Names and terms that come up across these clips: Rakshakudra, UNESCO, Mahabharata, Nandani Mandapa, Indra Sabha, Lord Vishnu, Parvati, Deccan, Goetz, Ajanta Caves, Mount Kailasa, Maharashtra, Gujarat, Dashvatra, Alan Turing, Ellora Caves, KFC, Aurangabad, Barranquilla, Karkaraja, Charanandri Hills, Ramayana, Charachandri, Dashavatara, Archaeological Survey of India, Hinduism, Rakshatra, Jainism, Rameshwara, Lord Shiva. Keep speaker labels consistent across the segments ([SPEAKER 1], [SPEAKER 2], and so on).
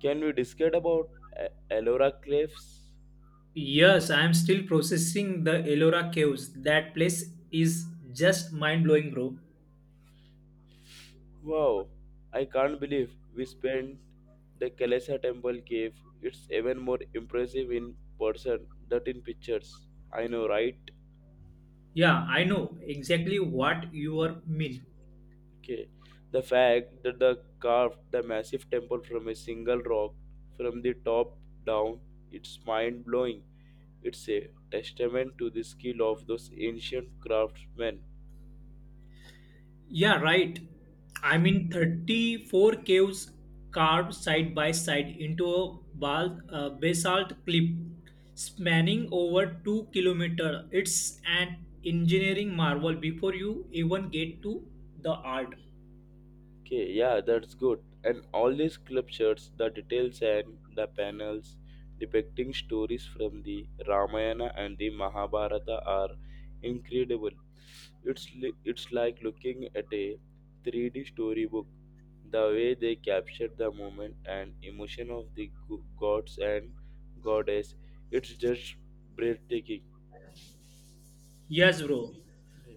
[SPEAKER 1] Can we discuss about A- Ellora Cliffs?
[SPEAKER 2] Yes, I am still processing the Ellora caves. That place is just mind blowing, bro.
[SPEAKER 1] Wow, I can't believe we spent the Kalesa Temple cave. It's even more impressive in person than in pictures. I know, right?
[SPEAKER 2] Yeah, I know exactly what you are mean.
[SPEAKER 1] Okay. The fact that they carved the massive temple from a single rock from the top down, it's mind blowing. It's a testament to the skill of those ancient craftsmen.
[SPEAKER 2] Yeah, right. I mean, 34 caves carved side by side into a basalt cliff spanning over 2 kilometers. It's an engineering marvel before you even get to the art.
[SPEAKER 1] Okay, yeah, that's good. And all these club shirts, the details and the panels depicting stories from the Ramayana and the Mahabharata are incredible. It's like looking at a 3D storybook. The way they capture the moment and emotion of the gods and goddess, it's just breathtaking.
[SPEAKER 2] Yes, bro.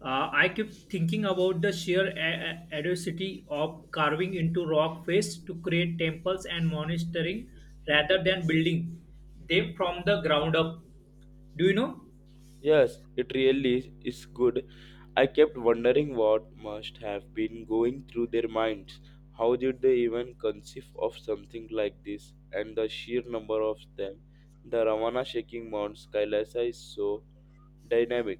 [SPEAKER 2] I keep thinking about the sheer audacity of carving into rock face to create temples and monasteries rather than building them from the ground up. Do you know?
[SPEAKER 1] Yes, it really is good. I kept wondering what must have been going through their minds. How did they even conceive of something like this? And the sheer number of them. The Ramana shaking Mount Kailasa is so dynamic.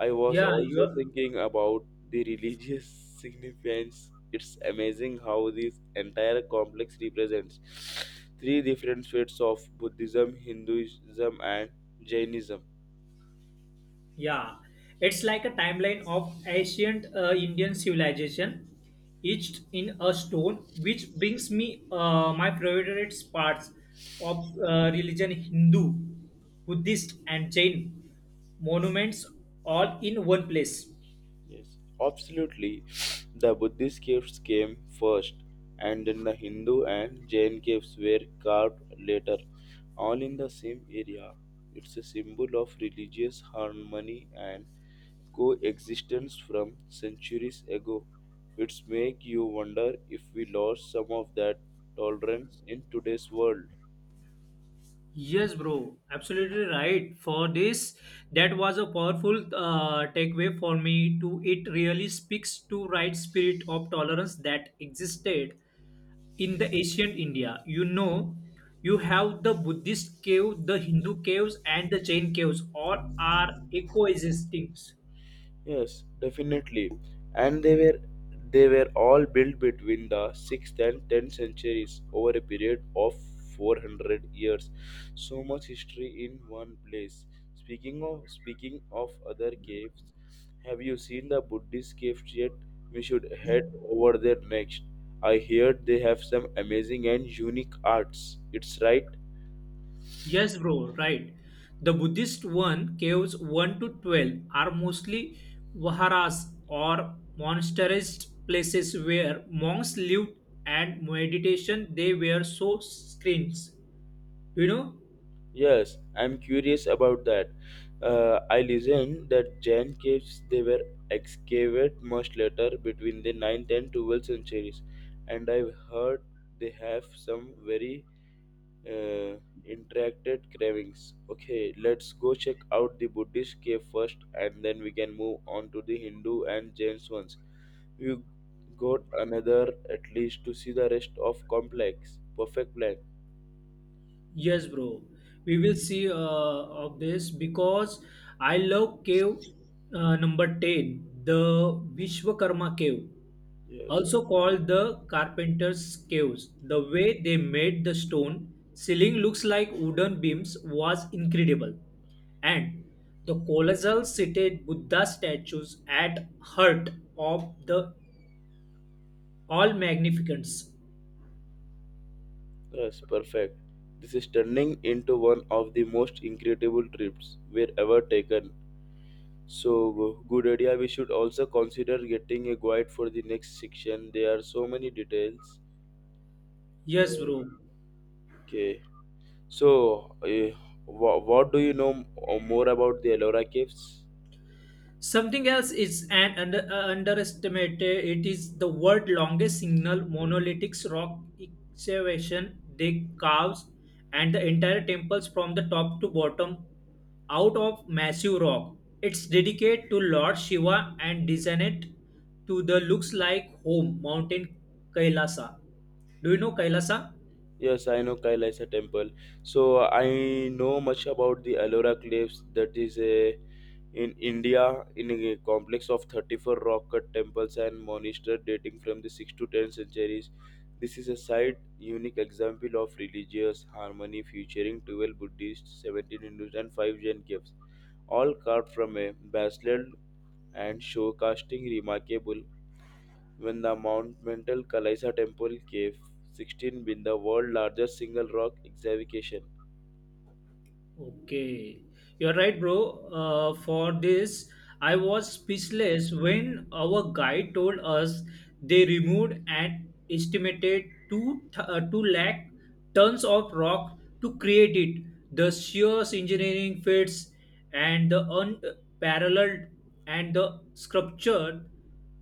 [SPEAKER 1] I was
[SPEAKER 2] Yeah, you
[SPEAKER 1] also
[SPEAKER 2] are.
[SPEAKER 1] thinking about the religious significance. It's amazing how this entire complex represents three different faiths of Buddhism, Hinduism, and Jainism.
[SPEAKER 2] Yeah, it's like a timeline of ancient Indian civilization, etched in a stone, which brings me my favorite parts of religion Hindu, Buddhist, and Jain monuments all in one place.
[SPEAKER 1] Yes, absolutely. The Buddhist caves came first, and then the Hindu and Jain caves were carved later, all in the same area. It's a symbol of religious harmony and coexistence from centuries ago. It's make you wonder if we lost some of that tolerance in today's world.
[SPEAKER 2] Yes, bro, absolutely right. For this, that was a powerful takeaway for me. To it really speaks to right spirit of tolerance that existed in the ancient India. You know, you have the Buddhist cave, the Hindu caves, and the Jain caves. All are coexisting.
[SPEAKER 1] Yes, definitely. And they were all built between the 6th and 10th centuries over a period of 400 years. So much history in one place. Speaking of other caves, have you seen the Buddhist caves yet? We should head over there next. I heard they have some amazing and unique arts. It's right.
[SPEAKER 2] Yes, bro, right. The Buddhist one caves 1 to 12 are mostly viharas or monasteries places where monks lived and meditation they were so screens. You know?
[SPEAKER 1] Yes, I'm curious about that. I listened that Jain caves they were excavated much later between the 9th and 12th centuries, and I've heard they have some very uh, interacted carvings. Okay, let's go check out the Buddhist cave first, and then we can move on to the Hindu and Jain ones. We got another at least to see the rest of complex. Perfect plan.
[SPEAKER 2] Yes, bro. We will see of this because I love cave number 10, the Vishwakarma cave,
[SPEAKER 1] Yes.
[SPEAKER 2] also called the carpenter's caves. The way they made the stone ceiling looks like wooden beams was incredible. And the colossal seated Buddha statues at heart of the all magnificence.
[SPEAKER 1] Yes, perfect. This is turning into one of the most incredible trips we've ever taken. So, good idea. We should also consider getting a guide for the next section. There are so many details.
[SPEAKER 2] Yes, bro.
[SPEAKER 1] Okay. So, what do you know more about the Ellora Caves?
[SPEAKER 2] Something else is an underestimated. It is the world longest single monolithic rock excavation they carves and the entire temples from the top to bottom out of massive rock. It's dedicated to Lord Shiva and designed to the looks like home mountain Kailasa. Do you know Kailasa?
[SPEAKER 1] Yes, I know Kailaisa temple. So I know much about the Ellora cliffs. That is a in India in a complex of 34 rock cut temples and monasteries dating from the 6th to 10th centuries. This is a site unique example of religious harmony featuring 12 Buddhists, 17 Hindus and 5 Jain caves, all carved from a basalt and show casting remarkable when the Mount Mental Kalaisa Temple Cave 16 been the world largest single rock excavation.
[SPEAKER 2] Okay, you're right, bro. For this, I was speechless when our guide told us they removed an estimated two lakh tons of rock to create it. The sheer engineering feats and the unparalleled and the sculpture,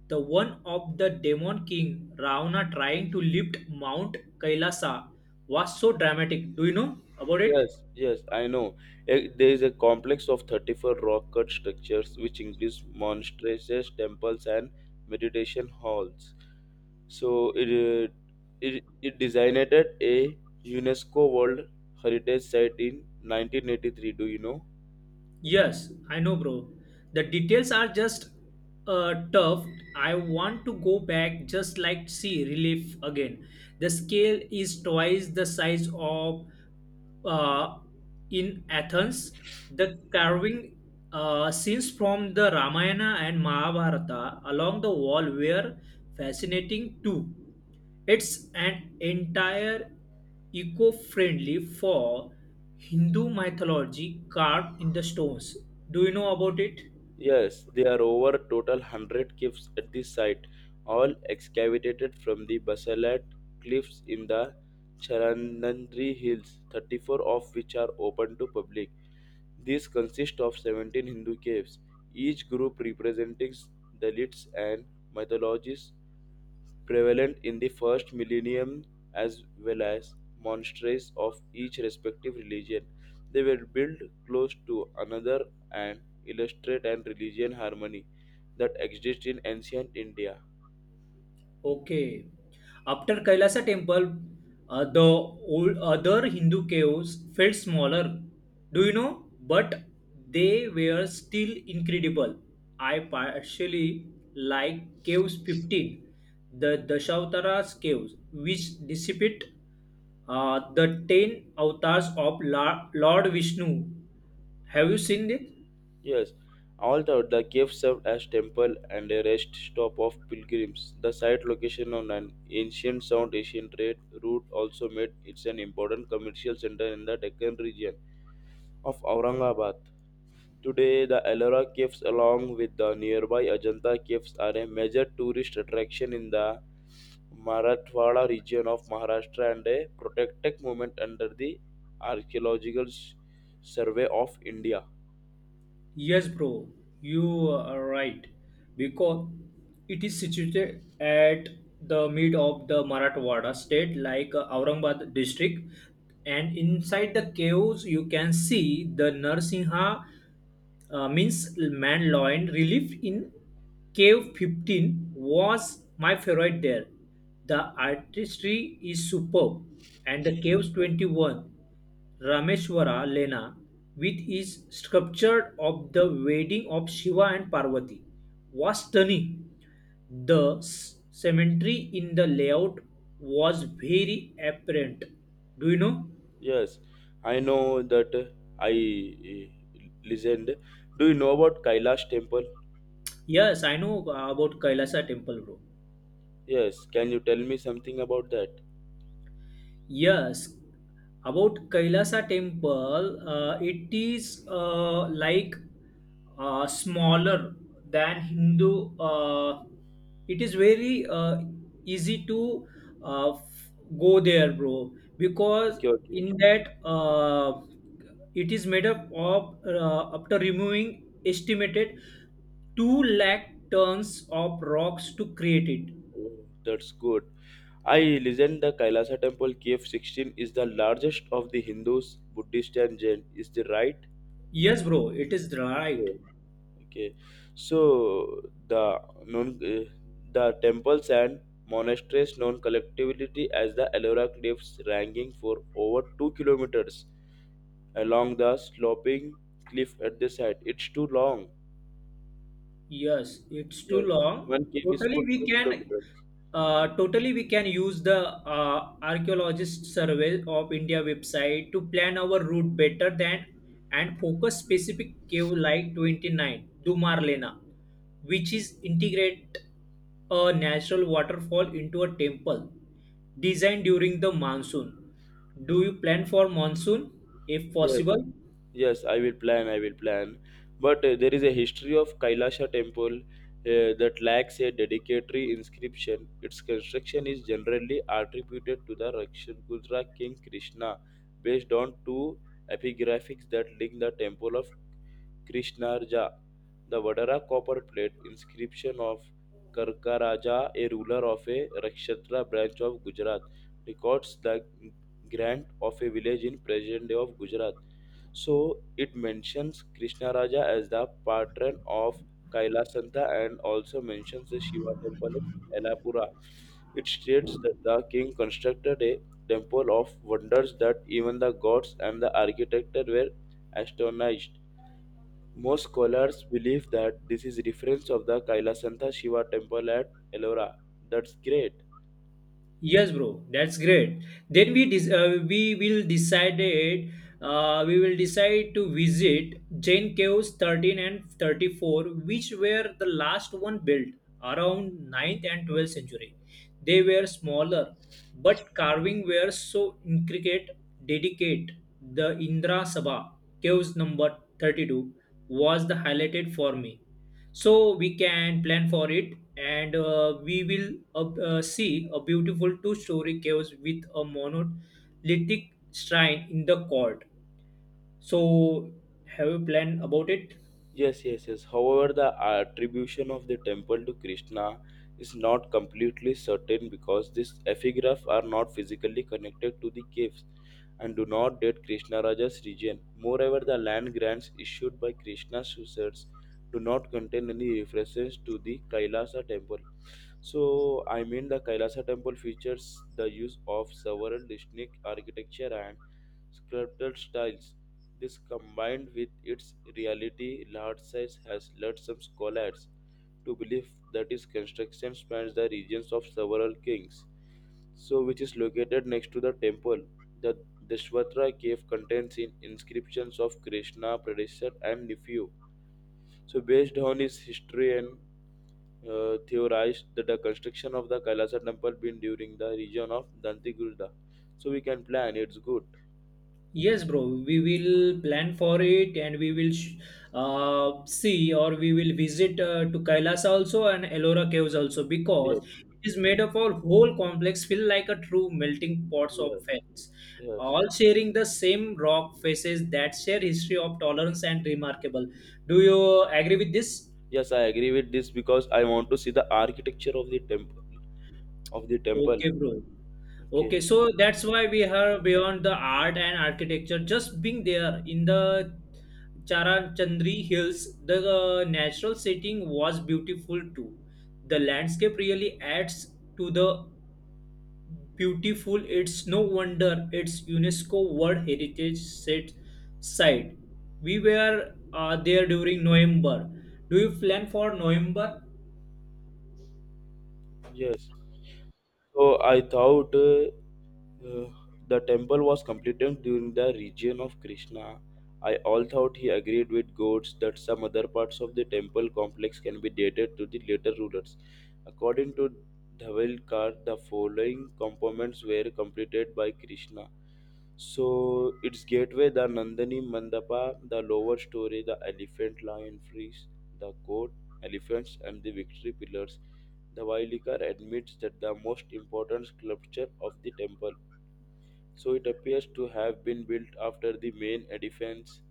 [SPEAKER 2] the one of the demon king Ravana trying to lift Mount Kailasa was so dramatic. Do you know about it?
[SPEAKER 1] Yes, yes, I know. Eh, there is a complex of 34 rock cut structures which includes monasteries, temples, and meditation halls. So it designated a UNESCO World Heritage Site in 1983. Do you know?
[SPEAKER 2] Yes, I know, bro. The details are just tough. I want to go back just like see relief again. The scale is twice the size of uh, in Athens. The carving scenes from the Ramayana and Mahabharata along the wall were fascinating too. It's an entire eco-friendly for Hindu mythology carved in the stones. Do you know about it?
[SPEAKER 1] Yes, there are over total 100 caves at this site, all excavated from the basalt cliffs in the Charanandri Hills, 34 of which are open to public. These consist of 17 Hindu caves, each group representing the elites and mythologies prevalent in the first millennium as well as monasteries of each respective religion. They were built close to another and illustrate an religion harmony that exists in ancient India.
[SPEAKER 2] Okay. After Kailasa temple, the old other Hindu caves felt smaller. Do you know? But they were still incredible. I partially like caves 15, the Dashavatara's caves, which dissipate the 10 avatars of Lord Vishnu. Have you seen it?
[SPEAKER 1] Yes, although the cave served as temple and a rest stop of pilgrims, the site location on an ancient South Asian trade route also made it an important commercial center in the Deccan region of Aurangabad. Today, the Ellora Caves, along with the nearby Ajanta Caves, are a major tourist attraction in the Marathwada region of Maharashtra and a protected monument under the Archaeological Survey of India.
[SPEAKER 2] Yes, bro, you are right. Because it is situated at the mid of the Marathwada state, like Aurangabad district. And inside the caves, you can see the Narsinha means Manloin relief in Cave 15 was my favorite there. The artistry is superb, and the Caves 21 Rameshwara Lena with its sculpture of the wedding of Shiva and Parvati was stunning. The cemetery in the layout was very apparent. Do you know?
[SPEAKER 1] Yes, I know that I eh, listened. Do you know about Kailash Temple?
[SPEAKER 2] Yes, I know about Kailasa temple, bro.
[SPEAKER 1] Yes, can you tell me something about that?
[SPEAKER 2] Yes, about Kailasa temple, it is like smaller than Hindu. It is very easy to uh, f- go there, bro, because
[SPEAKER 1] Okay, okay.
[SPEAKER 2] in that it is made up of after removing estimated two lakh tons of rocks to create it.
[SPEAKER 1] Oh, that's good. I legend the Kailasa temple, KF 16, is the largest of the Hindus, Buddhist, and Jain. Is the right?
[SPEAKER 2] Yes, bro, it is right.
[SPEAKER 1] Okay, okay. So the known the temples and monasteries known collectively as the Ellora cliffs, ranging for over 2 kilometers along the sloping cliff at the side. It's too long.
[SPEAKER 2] Yes, it's too
[SPEAKER 1] Yes,
[SPEAKER 2] long.
[SPEAKER 1] one cave is for two kilometers.
[SPEAKER 2] Totally we can use the archaeologist survey of India website to plan our route better than and focus specific cave like 29 Dumarlena, which is integrate a natural waterfall into a temple designed during the monsoon. Do you plan for monsoon if
[SPEAKER 1] Yes,
[SPEAKER 2] possible?
[SPEAKER 1] yes, I will plan. I will plan. But there is a history of Kailasha temple that lacks a dedicatory inscription. Its construction is generally attributed to the Rakshakudra king Krishna, based on two epigraphics that link the temple of Krishnarja, the Vadara copper plate inscription of Karkaraja, a ruler of a Rakshatra branch of Gujarat, records the grant of a village in present day of Gujarat. So it mentions Krishna Raja as the patron of Kailasanta and also mentions the Shiva temple in Elapura. It states that the king constructed a temple of wonders that even the gods and the architect were astonished. Most scholars believe that this is reference of the Kailasanta Shiva temple at Ellora. That's great.
[SPEAKER 2] Yes, bro. That's great. Then we will decided we will decide to visit Jane Caves 13 and 34, which were the last one built around ninth and 12th century. They were smaller, but carving were so intricate. Dedicate the Indra Sabha Caves number 32 was the highlighted for me, so we can plan for it and we will see a beautiful two-story cave with a monolithic shrine in the court. So have you planned about it?
[SPEAKER 1] Yes, yes, yes. However, the attribution of the temple to Krishna is not completely certain because these epigraphs are not physically connected to the caves and do not date Krishna Raja's region. Moreover, the land grants issued by Krishna's successors do not contain any references to the Kailasa temple. So, I mean, the Kailasa temple features the use of several distinct architecture and sculptural styles this combined with its reality, large size has led some scholars to believe that its construction spans the regions of several kings. So, which is located next to the temple. The Dashvatra cave contains inscriptions of Krishna, Pradeshwar, and Nephew. So, based on his history and theorized that the construction of the Kailasa temple been during the region of Dantigurda. So, we can plan, it's good.
[SPEAKER 2] Yes, bro. We will plan for it, and we will sh- see, or we will visit to Kailas also and Ellora caves also because
[SPEAKER 1] Yes,
[SPEAKER 2] it is made of a whole complex, feel like a true melting pots
[SPEAKER 1] yes,
[SPEAKER 2] of facts,
[SPEAKER 1] yes.
[SPEAKER 2] all sharing the same rock faces that share history of tolerance and remarkable. Do you agree with this?
[SPEAKER 1] Yes, I agree with this because I want to see the architecture of the temple.
[SPEAKER 2] Okay, bro.
[SPEAKER 1] Okay.
[SPEAKER 2] Okay, so that's why we have beyond the art and architecture. Just being there in the Charachandri Hills, the natural setting was beautiful too. The landscape really adds to the beautiful. It's no wonder it's UNESCO World Heritage Set site. We were there during November. Do you plan for November?
[SPEAKER 1] Yes. So I thought Uh, the temple was completed during the reign of Krishna. I all thought he agreed with Goetz that some other parts of the temple complex can be dated to the later rulers. According to Dhavalkar, the following components were completed by Krishna. So its gateway, the Nandani Mandapa, the lower story, the elephant lion frieze, the court, elephants, and the victory pillars. The Vailikar admits that the most important sculpture of the temple so it appears to have been built after the main edifice,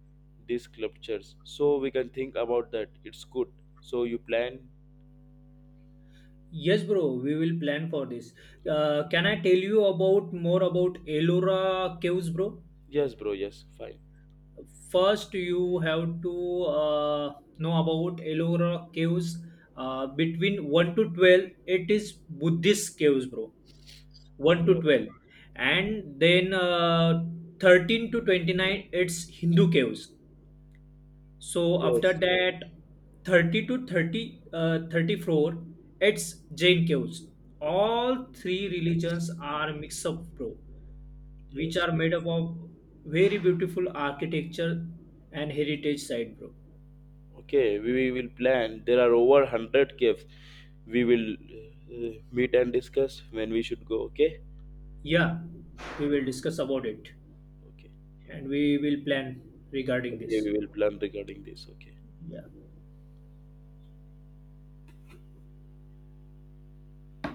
[SPEAKER 1] these sculptures. So we can think about that. It's good. So you plan?
[SPEAKER 2] Yes, bro, we will plan for this. Can I tell you about more about Ellora caves, bro?
[SPEAKER 1] Yes, bro. Yes, fine.
[SPEAKER 2] First, you have to know about Ellora caves. Between 1 to 12, it is Buddhist caves, bro. 1 to
[SPEAKER 1] Yeah.
[SPEAKER 2] 12. And then 13 to 29, it's Hindu caves. So after
[SPEAKER 1] Yes.
[SPEAKER 2] that, 34, it's Jain Chaos. All three religions are mix up, bro, which
[SPEAKER 1] Yes.
[SPEAKER 2] are made up of very beautiful architecture and heritage site, bro.
[SPEAKER 1] Okay. We, will plan. There are over hundred caves. We will meet and discuss when we should go. Okay.
[SPEAKER 2] Yeah, we will
[SPEAKER 1] Okay.
[SPEAKER 2] discuss about it
[SPEAKER 1] Okay.
[SPEAKER 2] and we will plan regarding
[SPEAKER 1] Okay.
[SPEAKER 2] this.
[SPEAKER 1] We will plan regarding this. Okay.
[SPEAKER 2] Yeah.